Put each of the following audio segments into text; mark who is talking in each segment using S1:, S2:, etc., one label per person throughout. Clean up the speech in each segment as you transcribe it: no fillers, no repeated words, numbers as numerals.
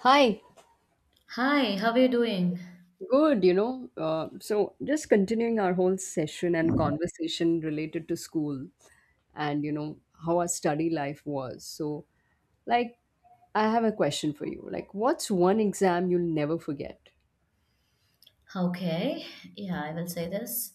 S1: Hi,
S2: Hi, how are you doing?
S1: good, you know. Just continuing our whole session and conversation related to school and, you know, how our study life was. Like, I have a question for you. Like, what's one exam you'll never forget?
S2: Okay, yeah, I will say this.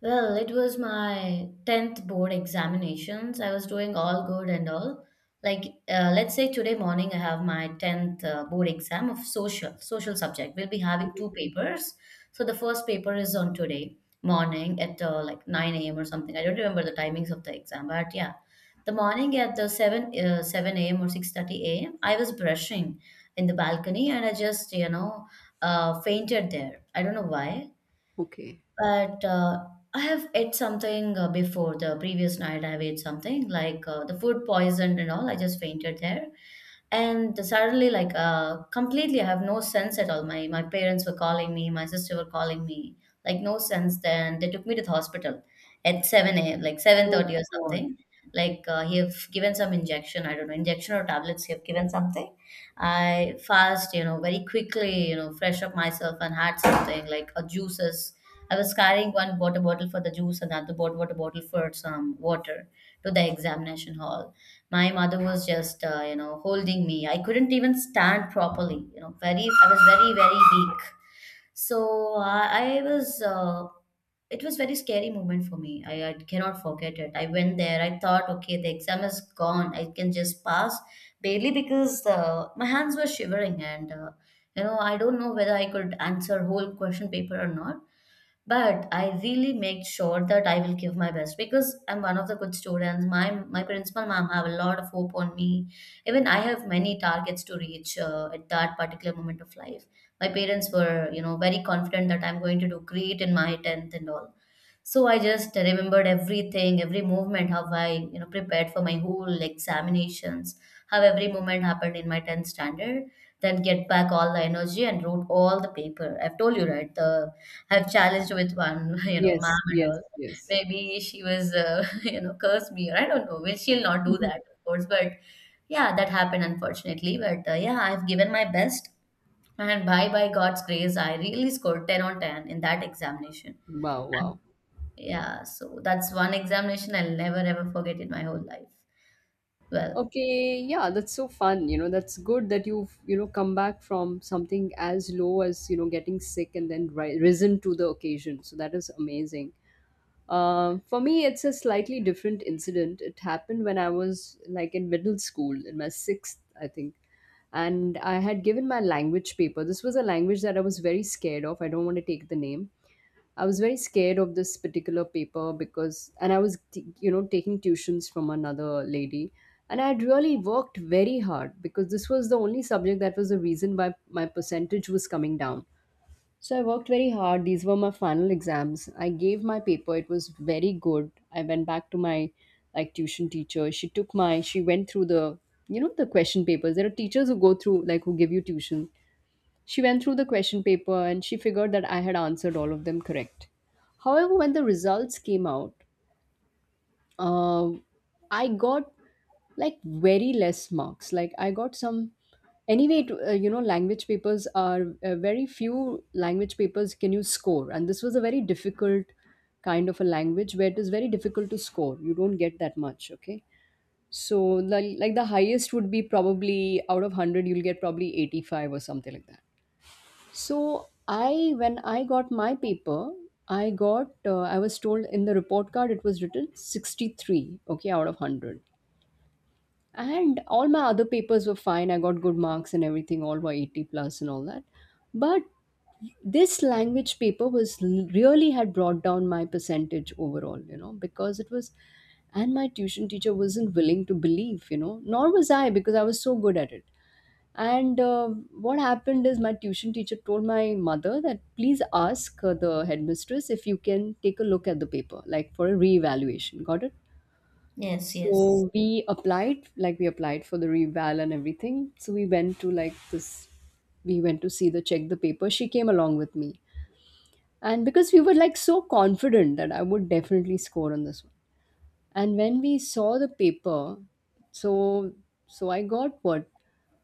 S2: Well, it was my 10th board examinations. I was doing all good and all. Let's say today morning I have my 10th board exam of social subject. We'll be having 2 papers. So the first paper is on today morning at like 9 a.m. or something. I don't remember the timings of the exam, but yeah. The morning at the 7 a.m. or 6:30 a.m. I was brushing in the balcony and I just fainted there. I don't know why,
S1: Okay.
S2: but I have ate something before the previous night. I have ate something like the food poisoned and all. I just fainted there, and suddenly completely I have no sense at all. My parents were calling me, my sister were calling me, like no sense. Then they took me to the hospital at 7 a.m, like
S1: Oh,
S2: 7:30 or
S1: God.
S2: something. He have given some injection. I don't know, injection or tablets, he have given something. I fast, you know, very quickly, you know, fresh up myself and had something like a juices. I was carrying one water bottle for the juice and water bottle for some water to the examination hall. My mother was just you know, holding me. I couldn't even stand properly, you know, very I was very weak. I was it was very scary moment for me. I cannot forget it. I went there, I thought, okay, the exam is gone, I can just pass barely because my hands were shivering and I don't know whether I could answer whole question paper or not. But I really make sure that I will give my best because I'm one of the good students. My principal ma'am have a lot of hope on me. Even I have many targets to reach at that particular moment of life. My parents were, you know, very confident that I'm going to do great in my tenth and all. So I just remembered everything, every movement, how I, you know, prepared for my whole examinations, how every moment happened in my 10th standard, then get back all the energy and wrote all the paper. I've told you, right? The I've challenged with one, you know,
S1: Yes,
S2: ma'am and
S1: yes,
S2: all.
S1: yes.
S2: Maybe she was, you know, curse me or I don't know. Well, she'll not do that, of course, but yeah, that happened unfortunately. But yeah, I've given my best, and by God's grace, I really scored 10 on 10 in that examination.
S1: Wow, wow.
S2: Yeah, so that's one examination I'll never ever forget in my whole life. Well,
S1: Okay, yeah, that's so fun. You know, that's good that you've, you know, come back from something as low as, you know, getting sick and then risen to the occasion. So that is amazing. For me, it's a slightly different incident. It happened when I was like in middle school, in my sixth, I think. And I had given my language paper. This was a language that I was very scared of. I don't want to take the name. I was very scared of this particular paper because, and I was, you know, taking tuitions from another lady. And I had really worked very hard because this was the only subject that was the reason why my percentage was coming down. So I worked very hard. These were my final exams. I gave my paper. It was very good. I went back to my like tuition teacher. She took my She went through the, you know, the question papers. There are teachers who go through, like, who give you tuition. She went through the question paper and she figured that I had answered all of them correct. However, when the results came out, uh, I got like very less marks. Like I got some. Anyway, you know, language papers are, very few language papers can you score, and this was a very difficult kind of a language where it is very difficult to score. You don't get that much. Okay, so like the highest would be probably out of 100, you'll get probably 85 or something like that. So I, when I got my paper, I got, I was told in the report card it was written 63, okay, out of 100. And all my other papers were fine. I got good marks and everything, all were 80 plus and all that. But this language paper was really had brought down my percentage overall, you know, because it was, and my tuition teacher wasn't willing to believe, you know, nor was I because I was so good at it. And what happened is my tuition teacher told my mother that please ask, the headmistress if you can take a look at the paper, like for a reevaluation. Got it?
S2: yes, yes.
S1: So we applied, like we applied for the reval and everything. So we went to like we went to see the check the paper. She came along with me, and because we were like so confident that I would definitely score on this one. And when we saw the paper, so I got what,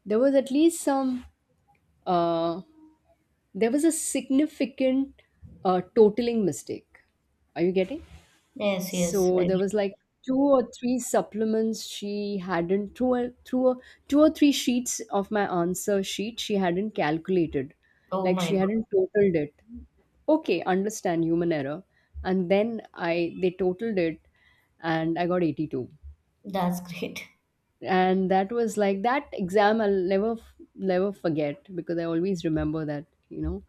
S1: there was at least some, uh there was a significant, totaling mistake. Are you getting?
S2: Yes, yes.
S1: So
S2: I,
S1: there was like two or three supplements she hadn't through a, through a, two or three sheets of my answer sheet she hadn't calculated,
S2: oh
S1: like
S2: my
S1: she
S2: God.
S1: hadn't totaled it. Okay, understand human error, and then I they totaled it, and I got 82.
S2: That's great.
S1: And that was like that exam I'll never forget because I always remember that, you know.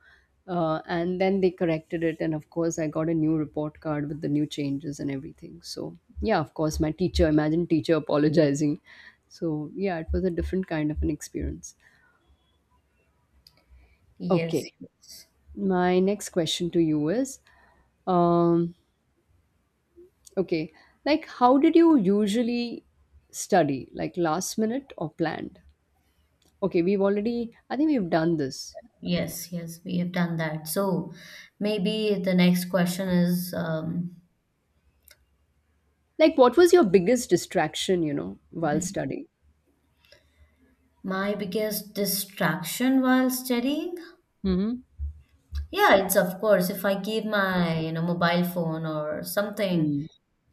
S1: And then they corrected it, and of course I got a new report card with the new changes and everything. So yeah, of course my teacher, imagine teacher apologizing. So yeah, it was a different kind of an experience.
S2: Yes,
S1: Okay,
S2: yes,
S1: my next question to you is, um okay like, how did you usually study, like last minute or planned? Okay, we've already, I think we've done this.
S2: yes, we have done that. So maybe the next question is
S1: Like, what was your biggest distraction, you know, while studying?
S2: my biggest distraction while studying?
S1: Hmm.
S2: Yeah, it's of course if I keep my, you know, mobile phone or something
S1: Hmm.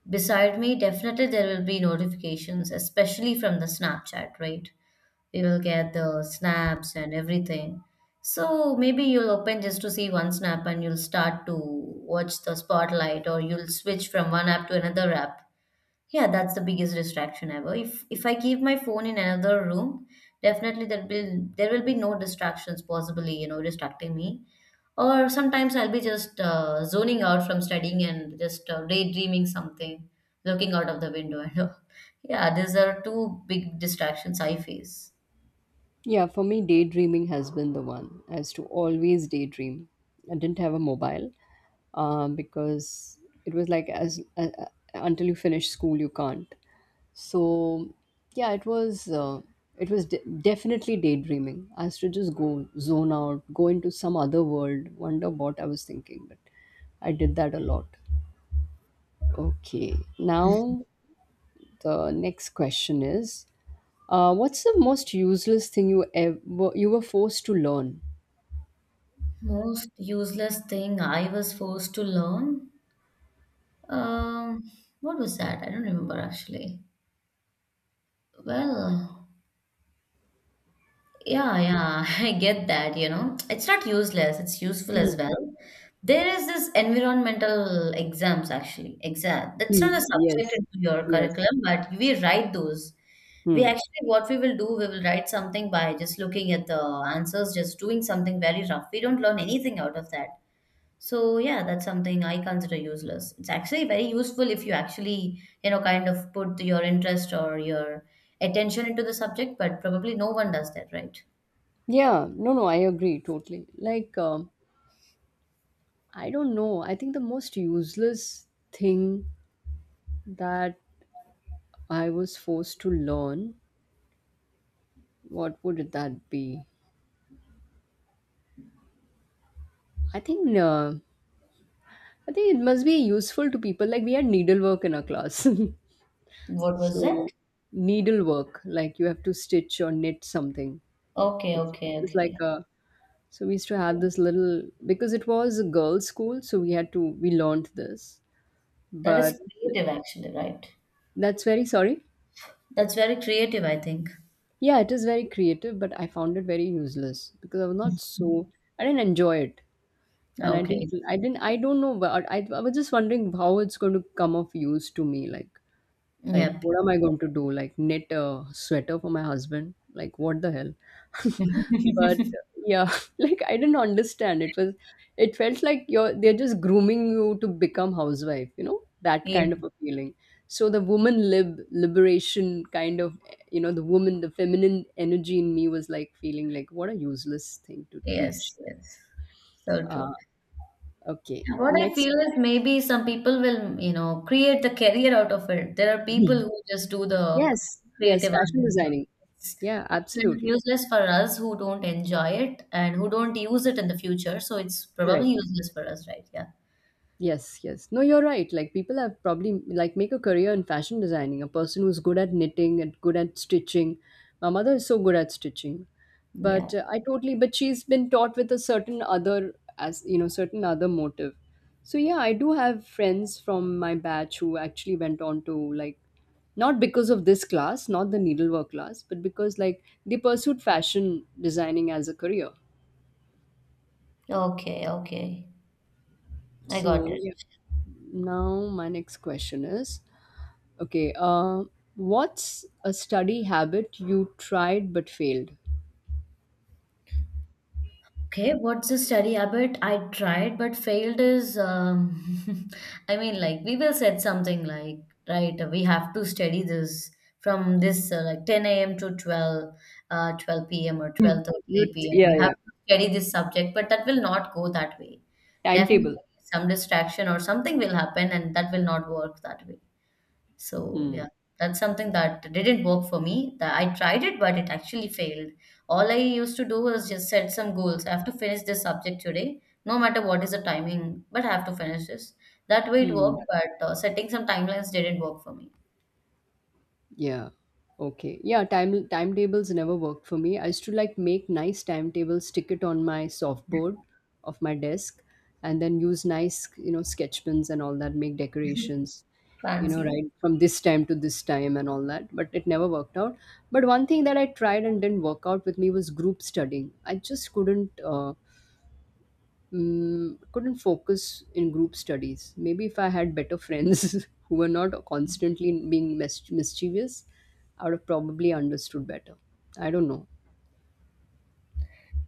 S2: beside me, definitely there will be notifications, especially from the Snapchat, right? You will get the snaps and everything. So maybe you'll open just to see one snap and you'll start to watch the spotlight or you'll switch from one app to another app. Yeah, that's the biggest distraction ever. If I keep my phone in another room, definitely there will be no distractions possibly, you know, distracting me. Or sometimes I'll be just zoning out from studying and just daydreaming something, looking out of the window and all. Yeah, these are 2 big distractions I face.
S1: Yeah, for me, daydreaming has been the one, as to always daydream. I didn't have a mobile, because it was like as until you finish school, you can't. So yeah, it was, it was definitely daydreaming. I used to just go zone out, go into some other world, wonder what I was thinking. But I did that a lot. Okay, now the next question is, what's the most useless thing you ever, you were forced to learn?
S2: Most useless thing I was forced to learn. Um, what was that? I don't remember actually. Well, yeah, I get that, you know. It's not useless, it's useful as
S1: Mm.
S2: well. There is this environmental exams actually. Exact. That's not a
S1: Mm.
S2: subject
S1: Yes,
S2: into your
S1: yes.
S2: curriculum, but we write those. We
S1: Hmm.
S2: actually, what we will do, we will write something by just looking at the answers, just doing something very rough. We don't learn anything out of that. So yeah, that's something I consider useless. It's actually very useful if you actually, you know, kind of put your interest or your attention into the subject, but probably no one does that, right?
S1: Yeah, no, no, I agree totally. Like, I don't know. I think the most useless thing that I was forced to learn, what would that be? I think, uh, I think it must be useful to people. Like, we had needlework in our class.
S2: What was it?
S1: So, needlework, like you have to stitch or knit something. It was like
S2: Okay.
S1: a, so we used to have this little because it was a girls' school, so we had to we learned this.
S2: That
S1: But
S2: is creative actually, right?
S1: that's very, sorry.
S2: That's very creative, I think.
S1: Yeah, it is very creative, but I found it very useless because I was not so, I didn't enjoy it, and I didn't
S2: Okay.
S1: I didn't I don't know. But I was just wondering how it's going to come of use to me, like,
S2: Yep.
S1: what am I going to do? Like, knit a sweater for my husband? Like, what the hell? But
S2: Yep.
S1: yeah, like I didn't understand. It felt like you're, they're just grooming you to become housewife. You know, that
S2: Yeah.
S1: kind of a feeling. So the woman, liberation kind of, you know, the woman, the feminine energy in me was like feeling like what a useless thing to teach.
S2: Yes, yes. So
S1: Uh,
S2: true.
S1: okay,
S2: Yeah. What I
S1: next.
S2: feel is maybe some people will, you know, create the career out of it. There are people who just do the
S1: Yes, yes,
S2: creative art.
S1: fashion
S2: And work.
S1: designing.
S2: It's,
S1: Yeah,
S2: it's kind of
S1: absolutely
S2: useless for us who don't enjoy it and who don't use it in the future. So it's probably
S1: correct.
S2: useless for us, right? Yeah.
S1: Yes, yes. No, you're right. Like people have probably like make a career in fashion designing. A person who's good at knitting and good at stitching. My mother is so good at stitching,
S2: Yeah.
S1: but I totally. But she's been taught with a certain other, as you know, certain other motive. So yeah, I do have friends from my batch who actually went on to, like, not because of this class, not the needlework class, but because like they pursued fashion designing as a career.
S2: Okay. Okay. I got
S1: So
S2: it.
S1: yeah. Now my next question is, okay. What's a study habit you tried but failed?
S2: Okay, what's the study habit I tried but failed is, I mean, like we will set something like, right, we have to study this from this like 10 a.m. to 12, 12 p.m. or 12:30 p.m.
S1: Yeah,
S2: You have
S1: yeah,
S2: to study this subject, but that will not go that way. Definitely,
S1: timetable.
S2: some distraction or something will happen, and that will not work that way. So
S1: Hmm.
S2: yeah, that's something that didn't work for me. That I tried it, but it actually failed. All I used to do was just set some goals. I have to finish this subject today, no matter what is the timing, but I have to finish this. That way it
S1: Hmm.
S2: worked, but setting some timelines didn't work for me.
S1: Yeah. Okay. Yeah. Time, timetables never worked for me. I used to like make nice timetables, stick it on my softboard of my desk, and then use nice, you know, sketch pens and all that, make decorations. You know,
S2: Fancy.
S1: right from this time to this time and all that, but it never worked out. But one thing that I tried and didn't work out with me was group studying. I just couldn't. Couldn't focus in group studies. Maybe if I had better friends who were not constantly being mischievous, I would have probably understood better. I don't know.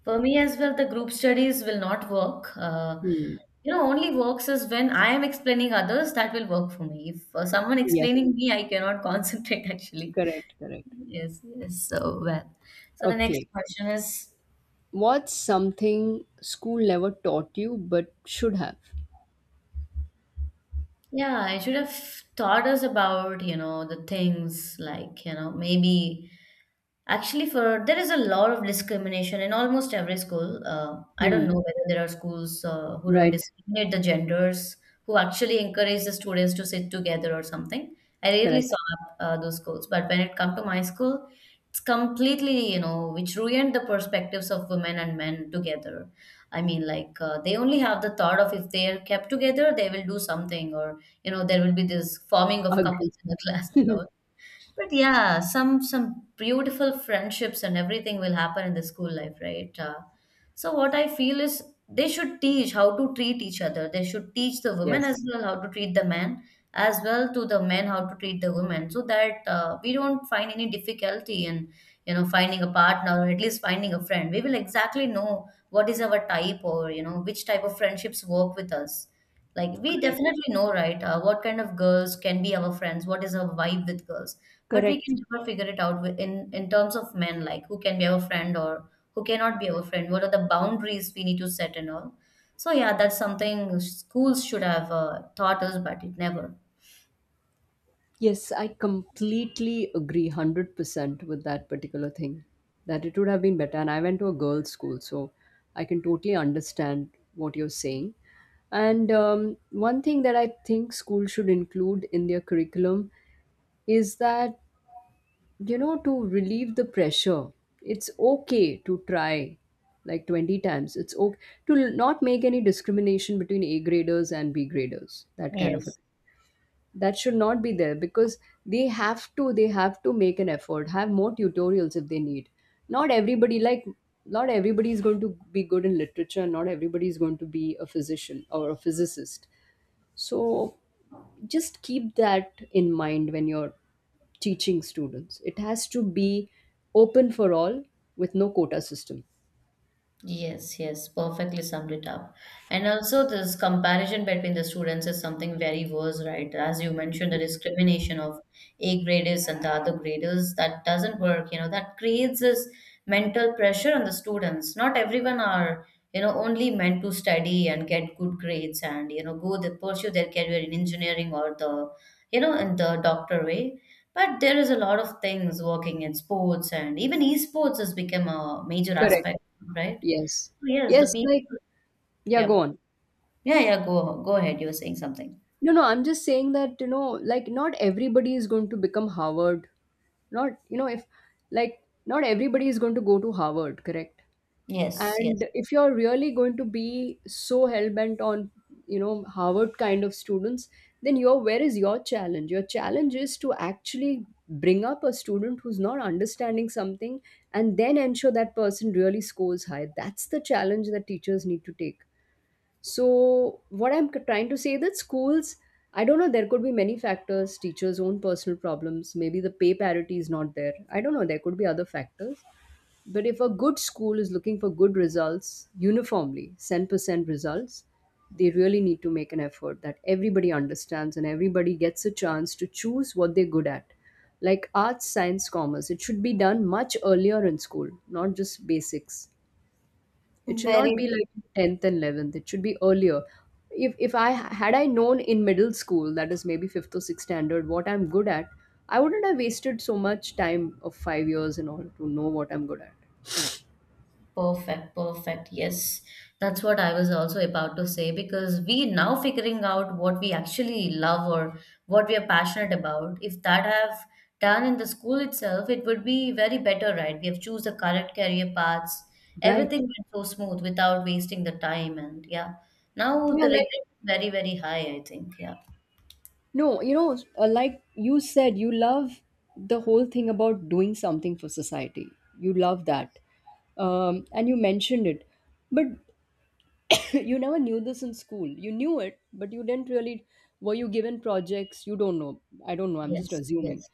S2: For me as well, the group studies will not work.
S1: Hmm.
S2: You know, only works is when I am explaining others, that will work for me. If someone
S1: Yeah,
S2: explaining me, I cannot concentrate actually.
S1: correct, correct.
S2: Yes, yes. So well. So the next
S1: Okay.
S2: question is,
S1: What's something school never taught you but should have?
S2: yeah, I should have taught us about, you know, the things like, you know, maybe actually, for there is a lot of discrimination in almost every school. I don't
S1: Hmm.
S2: know whether there are schools who don't
S1: Right,
S2: discriminate the genders, who actually encourage the students to sit together or something. I rarely
S1: correct.
S2: saw those schools, but when it come to my school, it's completely, you know, which ruined the perspectives of women and men together. I mean, they only have the thought of if they are kept together, they will do something, or you know, there will be this forming of couples
S1: Agree.
S2: in the class and all, but yeah, some beautiful friendships and everything will happen in the school life, right? So what I feel is they should teach how to treat each other. They should teach the women as
S1: Yes,
S2: well how to treat the men, as well to the men how to treat the women, so that we don't find any difficulty in, you know, finding a partner or at least finding a friend. We will exactly know what is our type or, you know, which type of friendships work with us. Like we
S1: correct.
S2: definitely know, right, what kind of girls can be our friends, what is our vibe with girls, but we can
S1: Correct.
S2: never figure it out with, in terms of men, like who can be our friend or who cannot be our friend. What are the boundaries we need to set and all? So yeah, that's something schools should have taught us, but it never.
S1: Yes, I completely agree 100% with that particular thing that it would have been better. And I went to a girls' school, so I can totally understand what you're saying. And one thing that I think schools should include in their curriculum is that, you know, to relieve the pressure, it's okay to try like 20 times. It's okay to not make any discrimination between A graders and B graders, that kind of a
S2: Yes.
S1: thing that should not be there because they have to make an effort, have more tutorials if they need. Not everybody, like, not everybody is going to be good in literature, and not everybody is going to be a physician or a physicist. So just keep that in mind. When you're teaching students, it has to be open for all, with no quota system.
S2: Yes, yes, perfectly summed it up. And also, this comparison between the students is something very worse, right? As you mentioned, the discrimination of A graders and the other graders, that doesn't work, you know, that creates this mental pressure on the students. Not everyone are, you know, only meant to study and get good grades and, you know, go the, pursue their career in engineering or the, you know, in the doctor way. But there is a lot of things working in sports and even esports has become a major
S1: Correct.
S2: aspect, right?
S1: Yes,
S2: Oh, yes,
S1: yes,
S2: the people.
S1: like, yeah, go
S2: Yep.
S1: on.
S2: Yeah, go ahead. You were saying something.
S1: No, no, I'm just saying that, you know, like not everybody is going to become Harvard. Not, you know, if, like, not everybody is going to go to Harvard, correct?
S2: Yes, yes.
S1: And if you're really going to be so hell bent on, you know, Harvard kind of students, then your, where is your challenge? Your challenge is to actually bring up a student who's not understanding something and then ensure that person really scores high. That's the challenge that teachers need to take. So, what I'm trying to say, that schools, I don't know, there could be many factors, teachers' own personal problems, maybe the pay parity is not there. I don't know, there could be other factors. But if a good school is looking for good results uniformly, 10% results, they really need to make an effort that everybody understands and everybody gets a chance to choose what they're good at. Like arts, science, commerce, it should be done much earlier in school, not just basics. It should
S2: Very
S1: not be
S2: true.
S1: like 10th and 11th. It should be earlier. If I had I known in middle school, that is maybe fifth or sixth standard, what I'm good at, I wouldn't have wasted so much time of 5 years in order to know what I'm good at.
S2: Perfect, perfect. Yes. That's what I was also about to say because we now figuring out what we actually love or what we are passionate about. If that have done in the school itself, it would be very better, right? We have choose the correct career paths.
S1: Right.
S2: Everything went so smooth without wasting the time and yeah. Now
S1: Yeah,
S2: the
S1: like,
S2: regret is very, very high, I think. Yeah.
S1: no, like you said, you love the whole thing about doing something for society. You love that. And you mentioned it. But you never knew this in school. You knew it, but you didn't really. Were you given projects? You don't know. I don't know. I'm just
S2: Yes,
S1: assuming.
S2: yes.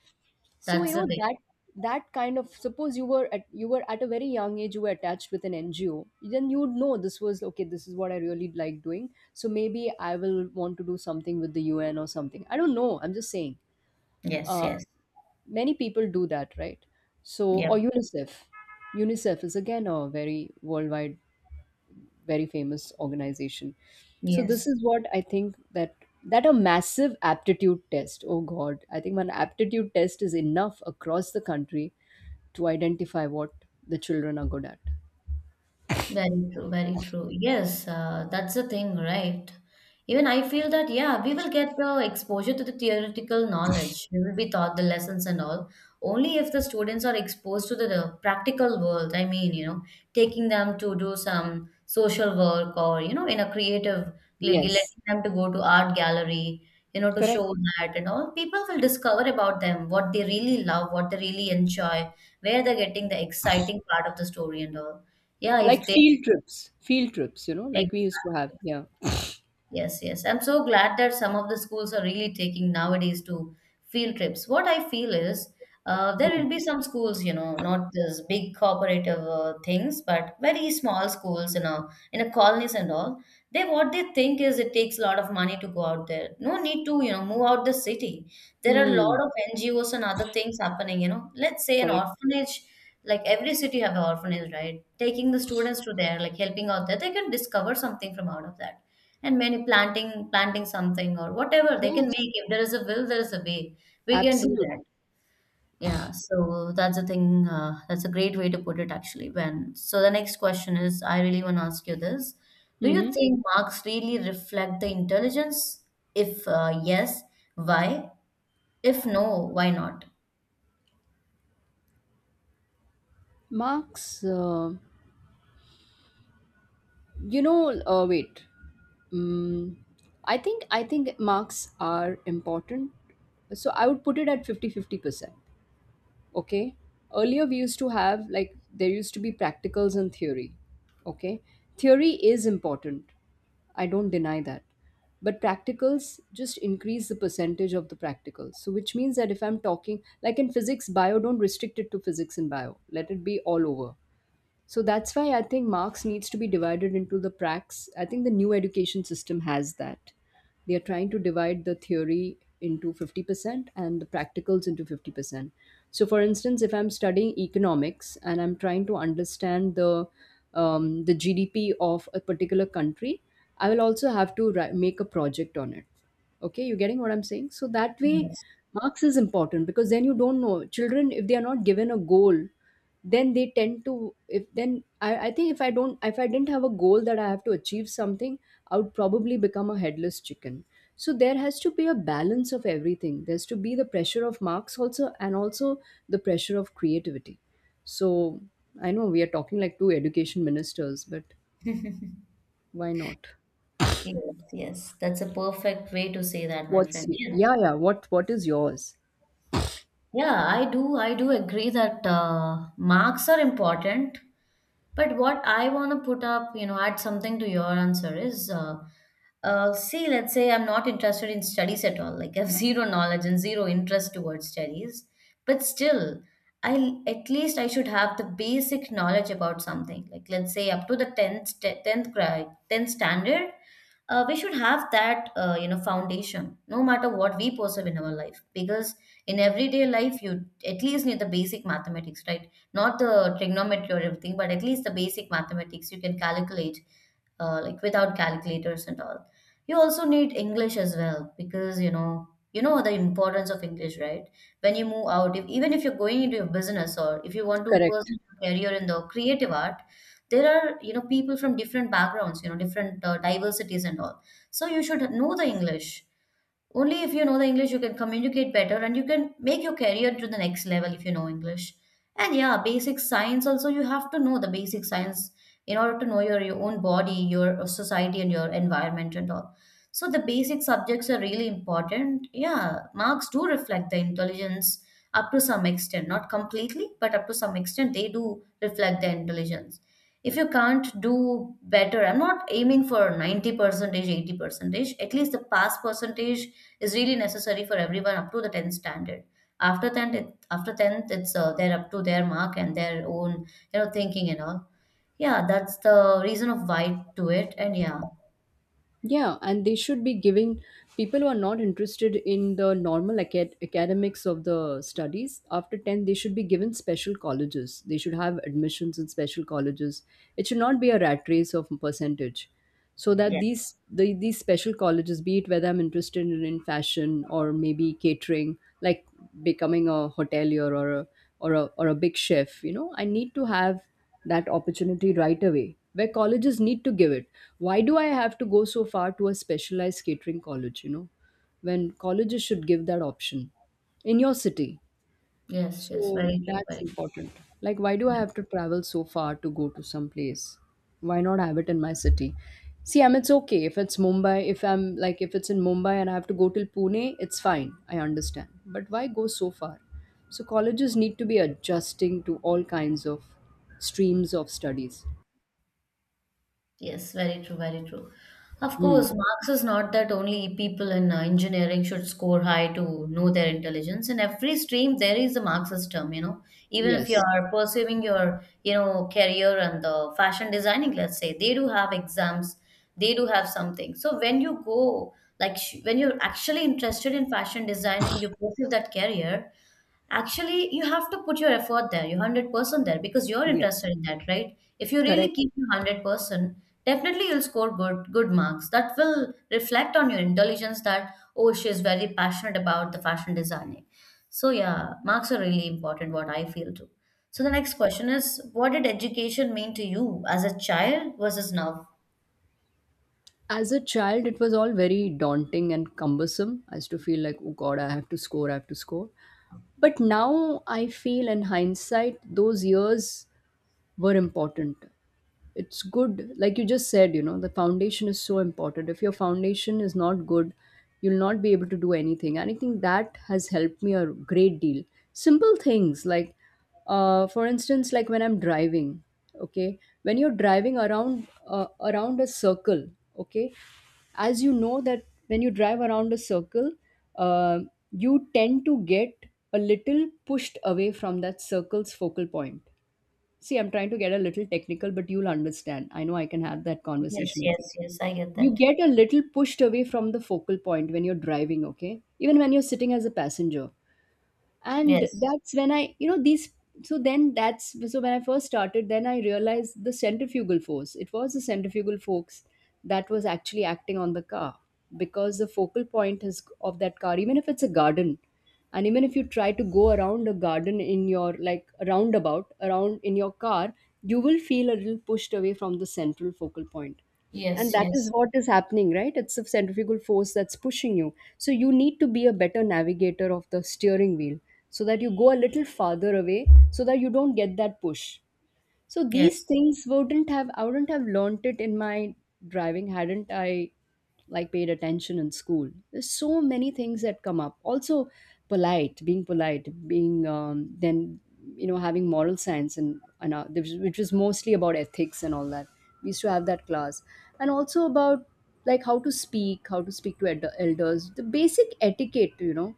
S1: So
S2: That's
S1: you
S2: the
S1: know
S2: thing.
S1: that suppose you were at a very young age you were attached with an NGO, then you would know this was okay, this is what I really like doing, so maybe I will want to do something with the UN or something, I don't know, I'm just saying,
S2: Yes,
S1: uh,
S2: yes.
S1: many people do that, right? So,
S2: Yep.
S1: or UNICEF. UNICEF is again a very worldwide, very famous organization. So this
S2: Yes.
S1: is what I think, that a massive aptitude test. Oh God, I think one aptitude test is enough across the country to identify what the children are good at.
S2: Very true, very true. Yes, that's the thing, right? Even I feel that, yeah, we will get the exposure to the theoretical knowledge. We will be taught the lessons and all. Only if the students are exposed to the practical world. I mean, taking them to do some social work or, in a creative, like
S1: Yes,
S2: letting them to go to art gallery, you know, to
S1: correct.
S2: show that and all. People will discover about them, what they really love, what they really enjoy, where they're getting the exciting part of the story and all. Yeah, if
S1: Like
S2: they
S1: field trips, you know, like we used to have.
S2: Exactly.
S1: Yeah.
S2: Yes, yes. I'm so glad that some of the schools are really taking nowadays to field trips. What I feel is there
S1: Hmm.
S2: will be some schools, not this big cooperative things, but very small schools in a colonies and all. They what they think is it takes a lot of money to go out there. No need to, move out the city. There are a lot
S1: Hmm.
S2: of NGOs and other things happening. You know, let's say an
S1: Correct.
S2: orphanage. Like every city have an orphanage, right? Taking the students to there, like helping out there, they can discover something from out of that and many planting something or whatever they can
S1: Yes,
S2: make. If there is a will, there is a way, we can do that.
S1: absolutely.
S2: Yeah, so that's the thing, that's a great way to put it actually. When so the next question is, I really want to ask you this: do you
S1: Mm-hmm.
S2: think marks really reflect the intelligence? If yes, why? If no, why not?
S1: Marks. You know, wait. Mm, I think marks are important. So I would put it at 50-50%. Okay. Earlier we used to have, like, there used to be practicals and theory. Okay. Theory is important. I don't deny that. But practicals, just increase the percentage of the practicals. So which means that if I'm talking like in physics, bio, don't restrict it to physics and bio. Let it be all over. So that's why I think marks needs to be divided into the pracs. I think the new education system has that. They are trying to divide the theory into 50% and the practicals into 50%. So for instance, if I'm studying economics and I'm trying to understand the GDP of a particular country, I will also have to make a project on it. Okay, you getting what I'm saying? So that way,
S2: Yes.
S1: marks is important, because then you don't know. Children, if they are not given a goal, then they tend to, if then I think if I don't if I didn't have a goal that I have to achieve something, I would probably become a headless chicken. So there has to be a balance of everything. There's to be the pressure of marks also, and also the pressure of creativity. So, I know we are talking like two education ministers, but why not?
S2: Yes, yes, that's a perfect way to say that, my
S1: What's
S2: friend. Yeah.
S1: yeah, what what is yours?
S2: Yeah, I do. I do agree that marks are important. But what I want to put up, you know, add something to your answer is see, let's say I'm not interested in studies at all. Like, I have zero knowledge and zero interest towards studies. But still, I at least I should have the basic knowledge about something. Like, let's say up to the 10th grade, 10th standard, we should have that you know foundation no matter what we perceive in our life, because in everyday life you at least need the basic mathematics, right? Not the trigonometry or everything, but at least the basic mathematics you can calculate, like without calculators and all. You also need English as well, because you know the importance of English, right? When you move out, if, even if you're going into your business or if you want to
S1: Correct.
S2: pursue a career in the creative art, there are you know people from different backgrounds, you know, different diversities and all. So you should know the English. Only if you know the English, you can communicate better and you can make your career to the next level if you know English. And yeah, basic science also, you have to know the basic science in order to know your own body, your society, and your environment and all. So the basic subjects are really important. Yeah, marks do reflect the intelligence up to some extent, not completely, but up to some extent, they do reflect the intelligence. If you can't do better, I'm not aiming for 90 percentage, 80 percentage, at least the pass percentage is really necessary for everyone up to the 10th standard. After 10th it, after 10th it's they're up to their mark and their own, you know, thinking and all. Yeah, that's the reason of why to it. And yeah.
S1: Yeah, and they should be giving people who are not interested in the normal academics of the studies after 10, they should be given special colleges. They should have admissions in special colleges. It should not be a rat race of percentage. So that
S2: Yeah.
S1: these, these special colleges, be it whether I'm interested in fashion or maybe catering, like becoming a hotelier or a, or a, or a big chef, you know, I need to have that opportunity right away where colleges need to give it. Why do I have to go so far to a specialized catering college, you know, when colleges should give that option in your city.
S2: Yes, yes,
S1: So
S2: very true,
S1: that's
S2: very true.
S1: important. Like, why do I
S2: Yeah.
S1: have to travel so far to go to some place? Why not have it in my city? See, I mean, it's okay if it's Mumbai. If I'm like, if it's in Mumbai and I have to go till Pune, it's fine. I understand. But why go so far? So colleges need to be adjusting to all kinds of streams of studies.
S2: Yes, very true, very true. Of
S1: Hmm.
S2: course, marks is not that only people in engineering should score high to know their intelligence. In every stream, there is a mark system, you know. Even if you
S1: Yes.
S2: are pursuing your, you know, career and the fashion designing, let's say, they do have exams, they do have something. So when you go, when you're actually interested in fashion designing, you pursue that career. Actually, you have to put your effort there, your 100% there, because you're
S1: Yes.
S2: interested in that, right? If you really
S1: Correct.
S2: keep your 100%, definitely you'll score good marks. That will reflect on your intelligence that, oh, she is very passionate about the fashion designing. So yeah, marks are really important, what I feel too. So the next question is, what did education mean to you as a child versus now?
S1: As a child, it was all very daunting and cumbersome. I used to feel like, oh God, I have to score, I have to score. But now I feel in hindsight, those years were important. It's good, like you just said, you know, the foundation is so important. If your foundation is not good, you'll not be able to do anything. And I think that has helped me a great deal. Simple things like, for instance, like when I'm driving, okay, when you're driving around around a circle, okay, as you know that when you drive around a circle, uh, you tend to get a little pushed away from that circle's focal point. See, I'm trying to get a little technical, but you'll understand, I know I can have that
S2: Yes,
S1: conversation with you.
S2: yes, yes, I get
S1: You
S2: that.
S1: get a little pushed away from the focal point when you're driving, okay, even when you're sitting as a passenger, and
S2: Yes,
S1: that's when i, you know, these, so then that's, so when I first started, then I realized the centrifugal force. It was the centrifugal force that was actually acting on the car, because the focal point is of that car. Even if it's a garden, and even if you try to go around a garden in your, like a roundabout, around in your car, you will feel a little pushed away from the central focal point. And
S2: yes,
S1: that is
S2: yes,
S1: what is happening, right? It's a centrifugal force that's pushing you, so you need to be a better navigator of the steering wheel so that you go a little farther away, so that you don't get that push. So these
S2: yes,
S1: things wouldn't have, I wouldn't have learnt it in my driving, hadn't I like paid attention in school. There's so many things that come up also. Polite, being polite being then, you know, having moral science and which was mostly about ethics and all that. We used to have that class. And also about like how to speak, how to speak to elders, the basic etiquette, you know.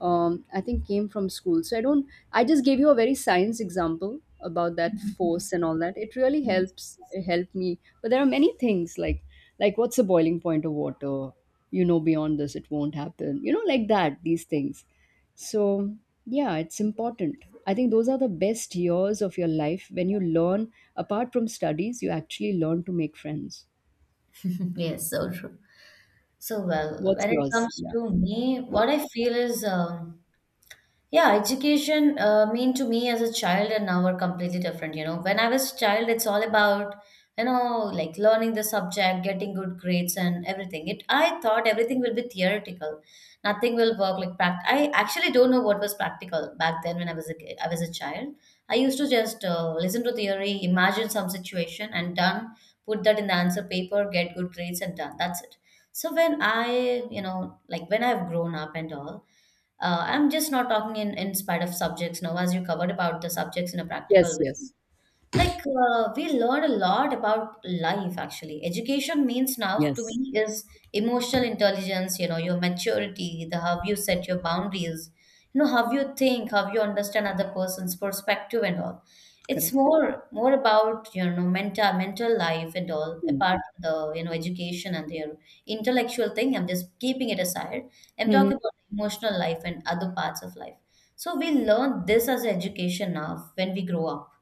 S1: I think came from school. So I don't, I just gave you a very science example about that force and all that. It really
S2: yes.
S1: helps, it helped me. But there are many things like, what's the boiling point of water? You know, beyond this, it won't happen. You know, like that, these things. So yeah, it's important. I think those are the best years of your life when you learn, apart from studies, you actually learn to make friends.
S2: Yes, so true. So, well,
S1: What's
S2: when it
S1: yours?
S2: comes
S1: Yeah.
S2: to me, what I feel is yeah, education mean to me as a child and now are completely different. You know, when I was a child, it's all about you know like learning the subject, getting good grades, and everything. It I thought everything will be theoretical, nothing will work like pract. I actually don't know what was practical back then when I was a kid, I was a child. I used to just listen to theory, imagine some situation, and done. Put that in the answer paper, get good grades, and done. That's it. So when I you know like when I've grown up and all. I'm just not talking in spite of subjects now, as you covered about the subjects in a
S1: Yes,
S2: practical way.
S1: yes,
S2: Like we learn a lot about life actually. Education means now to
S1: yes.
S2: me is emotional intelligence, you know, your maturity, the how you set your boundaries, you know, how you think, how you understand other person's perspective and all. It's
S1: Correct.
S2: more about, you know, mental life and all, apart from the, you know, education and their intellectual thing. I'm just keeping it aside. I'm
S1: Mm-hmm.
S2: talking about emotional life and other parts of life. So we learn this as education now when we grow up.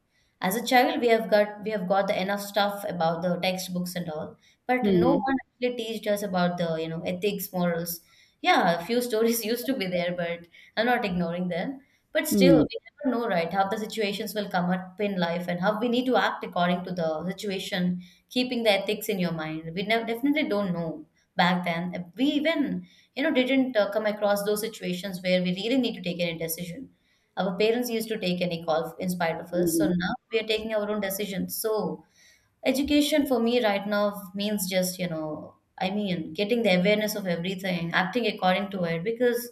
S2: As a child, we have got the enough stuff about the textbooks and all, but no
S1: Mm-hmm.
S2: one actually teached us about the you know ethics, morals. Yeah, a few stories used to be there, but I'm not ignoring them. But still,
S1: Mm,
S2: we never know, right, how the situations will come up in life and how we need to act according to the situation, keeping the ethics in your mind. We never, definitely don't know back then. We even, you know, didn't come across those situations where we really need to take any decision. Our parents used to take any call in spite of us. So
S1: mhm,
S2: now we are taking our own decisions. So education for me right now means just, you know, I mean, getting the awareness of everything, acting according to it, because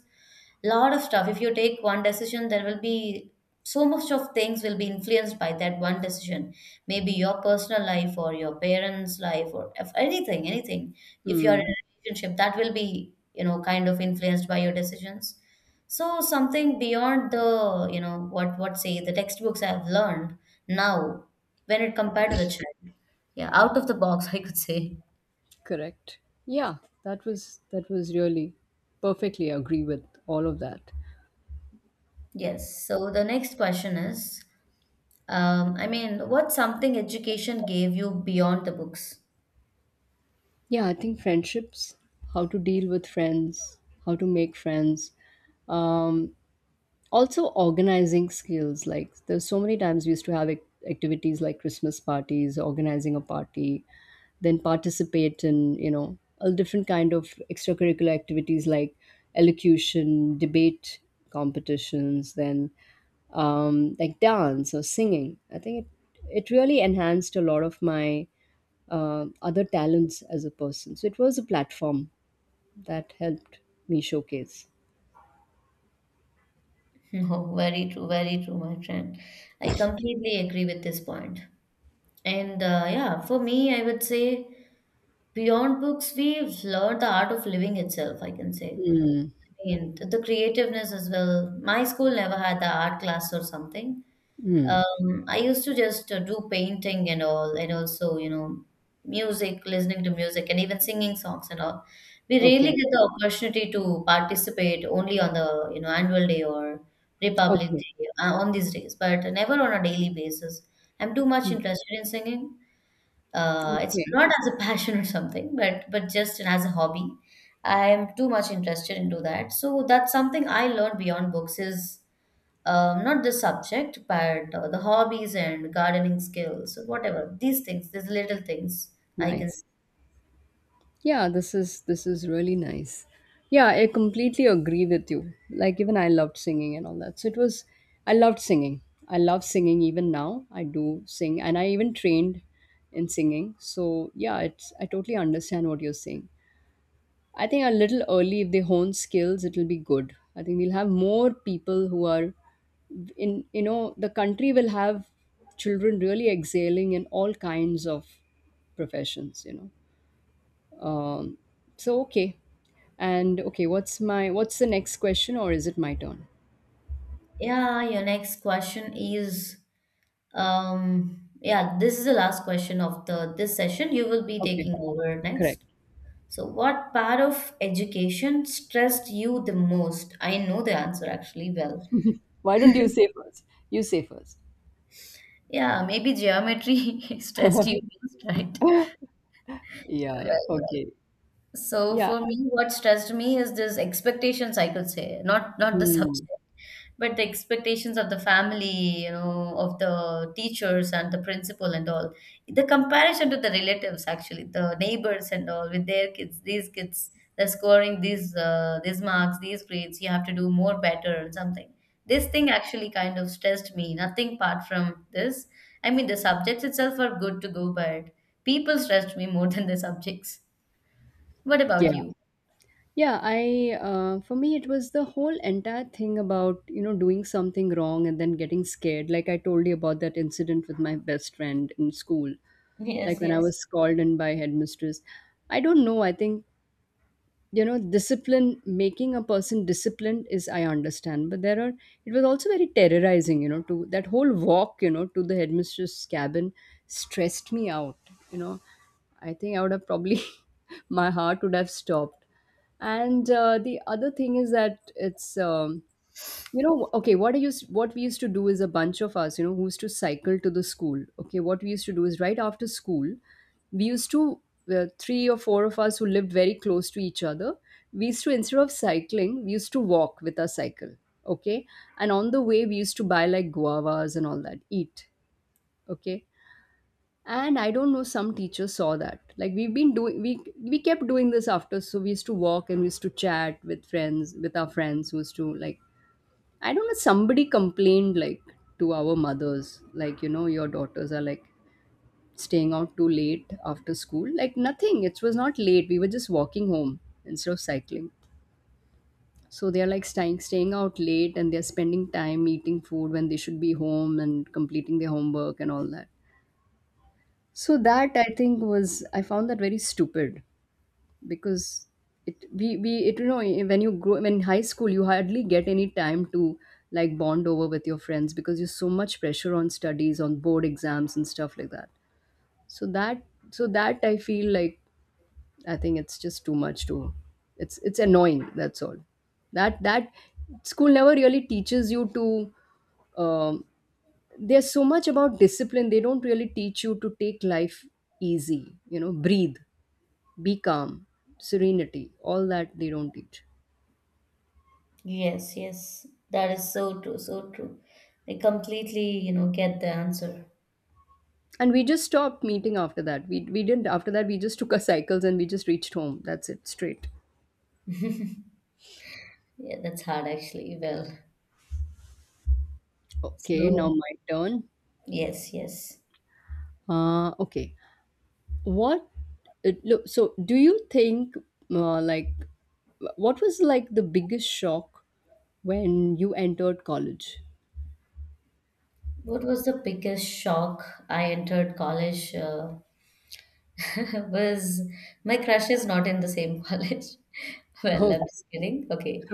S2: a lot of stuff, if you take one decision, there will be so much of things will be influenced by that one decision. Maybe your personal life or your parents' life or if anything, anything. If you're in
S1: mm,
S2: a relationship, that will be, you know, kind of influenced by your decisions. So something beyond the, you know, what say the textbooks I've learned now when it compared to the child. Yeah, out of the box, I could say.
S1: correct. Yeah, that was really, perfectly agree with all of that.
S2: Yes. So the next question is, I mean, what's something education gave you beyond the books?
S1: Yeah, I think friendships, how to deal with friends, how to make friends, um, also organizing skills, like there's so many times we used to have activities like christmas parties, organizing a party, then participate in, you know, a different kind of extracurricular activities like elocution, debate competitions, then like dance or singing. I think it, really enhanced a lot of my other talents as a person. So it was a platform that helped me showcase.
S2: No, very true, my friend. I completely agree with this point. And yeah, for me, I would say beyond books, we've learned the art of living itself, I can say.
S1: Mm.
S2: And the creativeness as well. My school never had the art class or something.
S1: Mm.
S2: I used to just do painting and all, and also, you know, music, listening to music, and even singing songs and all. We rarely
S1: Okay.
S2: get the opportunity to participate only on the, you know, annual day or Republic
S1: Okay.
S2: Day on these days, but never on a daily basis. I'm too much
S1: Hmm.
S2: interested in singing. It's
S1: Okay,
S2: not as a passion or something, but just as a hobby. I am too much interested into that. So that's something I learned beyond books is not the subject, but the hobbies and gardening skills, whatever. These things, these little things, I can.
S1: nice. Yeah, this is, this is really nice. Yeah, I completely agree with you. Like, even I loved singing and all that. So it was, I loved singing. I love singing even now. I do sing and I even trained in singing. So yeah, it's, I totally understand what you're saying. I think a little early if they hone skills, it'll be good. I think we'll have more people who are in, you know, the country will have children really exhaling in all kinds of professions, you know. Um, so okay, and okay, what's my, what's the next question, or is it my turn?
S2: Yeah, your next question is, yeah, this is the last question of the this session. You will be
S1: Okay,
S2: taking over
S1: correct.
S2: next. So, what part of education stressed you the most? I know the answer actually well.
S1: Why don't you say first? You say first.
S2: Yeah, maybe geometry stressed you most, right?
S1: Yeah, yeah.
S2: Well,
S1: Okay.
S2: so
S1: Yeah.
S2: for me, what stressed me is this expectations, I could say, not not the
S1: Hmm.
S2: subject, but the expectations of the family, you know, of the teachers and the principal and all. The comparison to the relatives, actually, the neighbors and all with their kids, these kids, they're scoring these marks, these grades. You have to do more better and something. This thing actually kind of stressed me. Nothing apart from this. I mean, the subjects itself are good to go, but people stressed me more than the subjects. What about
S1: Yeah.
S2: you?
S1: Yeah, I, for me it was the whole entire thing about, you know, doing something wrong and then getting scared. Like I told you about that incident with my best friend in school. Like
S2: Yes,
S1: when I
S2: yes,
S1: was called in by headmistress. I don't know. I think, you know, discipline, making a person disciplined is, I understand, but there are, it was also very terrorizing, you know, to that whole walk, you know, to the headmistress cabin, stressed me out, you know. I think I would have probably my heart would have stopped. And the other thing is that it's you know, okay, what we used to do is a bunch of us, you know, who used to cycle to the school. Okay, what we used to do is right after school, we used to, three or four of us who lived very close to each other. We used to, instead of cycling, we used to walk with our cycle. Okay, and on the way we used to buy like guavas and all that, eat. Okay, and I don't know, some teacher saw that. Like we've been doing, we kept doing this after. So we used to walk and we used to chat with friends, with our friends who used to like I don't know, somebody complained like to our mothers, like, you know, your daughters are like staying out too late after school. Like, nothing. It was not late. We were just walking home instead of cycling. So they're like staying out late and they're spending time eating food when they should be home and completing their homework and all that. So that I think was, I found that very stupid. Because it we it you know when you grow when in high school you hardly get any time to like bond over with your friends, because you're so much pressure on studies, on board exams and stuff like that. So that so that I feel like I think it's just too much to it's annoying, that's all. That school never really teaches you to um, there's so much about discipline. They don't really teach you to take life easy, you know, breathe, be calm, serenity, all that they don't teach.
S2: yes, yes. That is so true, so true. I completely, you know, get the answer.
S1: And we just stopped meeting after that. We didn't, after that, we just took our cycles and we just reached home. That's it, straight.
S2: Yeah, that's hard actually. Well,
S1: Okay,
S2: so
S1: now my turn.
S2: yes, yes.
S1: Okay. What, it, look, so do you think, like, what was like the biggest shock when you entered college?
S2: What was the biggest shock I entered college? Was my crush is not in the same college. Well, I'm
S1: Oh,
S2: just kidding. Okay.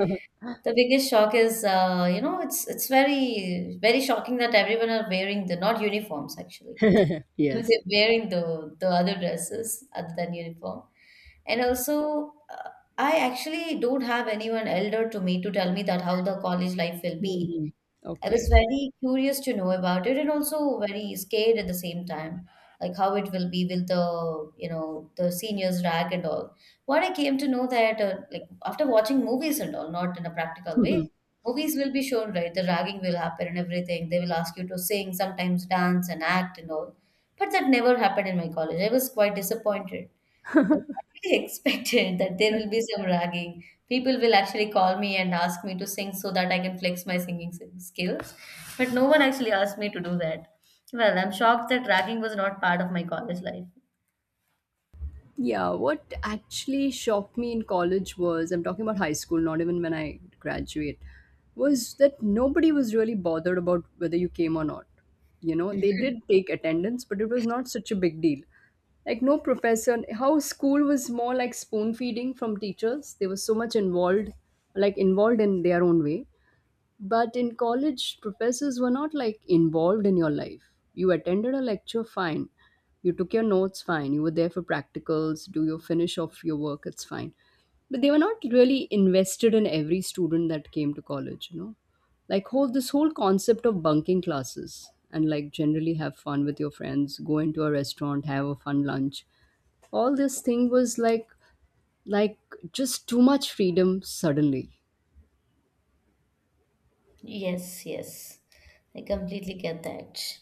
S2: The biggest shock is, you know, it's very very shocking that everyone are wearing the not uniforms actually.
S1: yes.
S2: They're wearing the other dresses other than uniform. And also, I actually don't have anyone elder to me to tell me that how the college life will be.
S1: Mhm.
S2: I was
S1: Okay.
S2: very curious to know about it and also very scared at the same time, like how it will be with the, you know, the seniors rag and all. What I came to know that, like after watching movies and all, not in a practical way, movies will be shown, right? The ragging will happen and everything. They will ask you to sing, sometimes dance and act and all. But that never happened in my college. I was quite disappointed. It's actually expected that there will be some ragging. People will actually call me and ask me to sing so that I can flex my skills. But no one actually asked me to do that. Well, I'm shocked that ragging was not part of my college life.
S1: Yeah, what actually shocked me in college was, I'm talking about high school, not even when I graduate, was that nobody was really bothered about whether you came or not. You know, they did take attendance, but it was not such a big deal. Like, no professor, how school was more like spoon feeding from teachers. They were so much involved, like, involved in their own way. But in college, professors were not like involved in your life. You attended a lecture, fine. You took your notes, fine. You were there for practicals, do your finish of your work, it's fine. But they were not really invested in every student that came to college, you know? Like whole this whole concept of bunking classes and like generally have fun with your friends, go into a restaurant, have a fun lunch. All this thing was like just too much freedom suddenly.
S2: Yes, yes. I completely get that.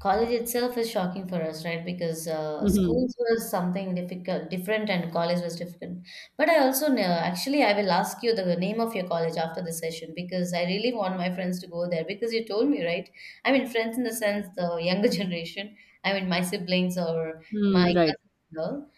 S2: College itself is shocking for us, right? Because
S1: Mm-hmm.
S2: schools was something difficult, different, and college was different. But I also know, actually, I will ask you the name of your college after the session because I really want my friends to go there because you told me, right? I mean, friends in the sense the younger generation, I mean, my siblings or my
S1: Mm, right.
S2: cousins, and all.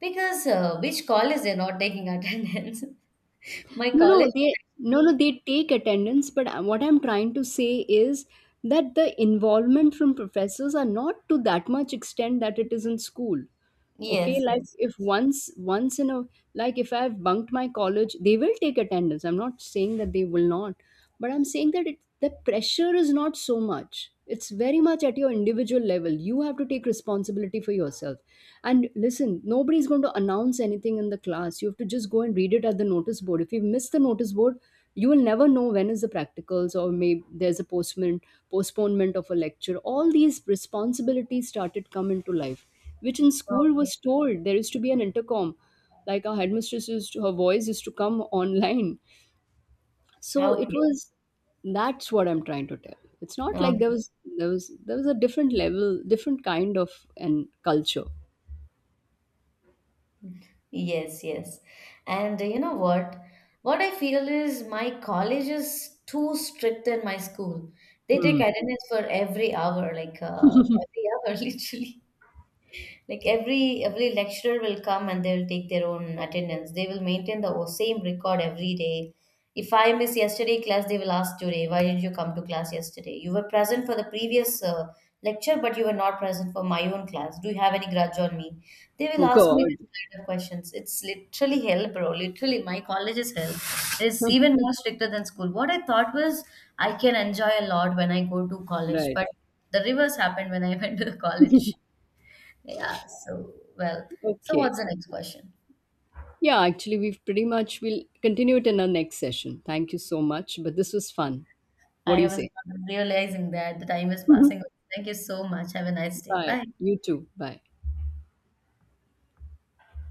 S2: Because which college they're not taking attendance. My college,
S1: No, they no, no, they take attendance, but what I'm trying to say is that the involvement from professors are not to that much extent that it is in school. Okay,
S2: yes,
S1: like
S2: yes.
S1: if once in a like if I've bunked my college, they will take attendance, I'm not saying that they will not, but I'm saying that it the pressure is not so much. It's very much at your individual level. You have to take responsibility for yourself and listen, nobody's going to announce anything in the class. You have to just go and read it at the notice board. If you miss the notice board, you will never know when is the practicals, or maybe there's a postman postponement of a lecture. All these responsibilities started come into life, which in school
S2: Okay.
S1: was told, there used to be an intercom, like our headmistress used to, her voice used to come online, so it
S2: Okay.
S1: was that's what I'm trying to tell. It's not like there
S2: Okay.
S1: was there was a different level, different kind of an culture.
S2: Yes, yes. And you know what? What I feel is my college is too strict than my school. They take
S1: Hmm.
S2: attendance for every hour, like every hour, literally. Like every lecturer will come and they will take their own attendance. They will maintain the o- same record every day. If I miss yesterday class, they will ask today, why didn't you come to class yesterday? You were present for the previous lecture, but you were not present for my own class. Do you have any grudge on me? They will
S1: Oh
S2: ask me
S1: God.
S2: this kind of questions. It's literally hell, bro. Literally, my college is hell. It's even more stricter than school. What I thought was I can enjoy a lot when I go to college,
S1: Right.
S2: but the reverse happened when I went to the college. Yeah, so well, so
S1: Okay.
S2: what's the next question?
S1: Yeah, actually, we've pretty much we'll continue it in our next session. Thank you so much. But this was fun. What do
S2: I
S1: you
S2: was
S1: say?
S2: not realizing that the time is passing. Thank you so much. Have a nice day.
S1: Bye.
S2: Bye.
S1: You too. Bye.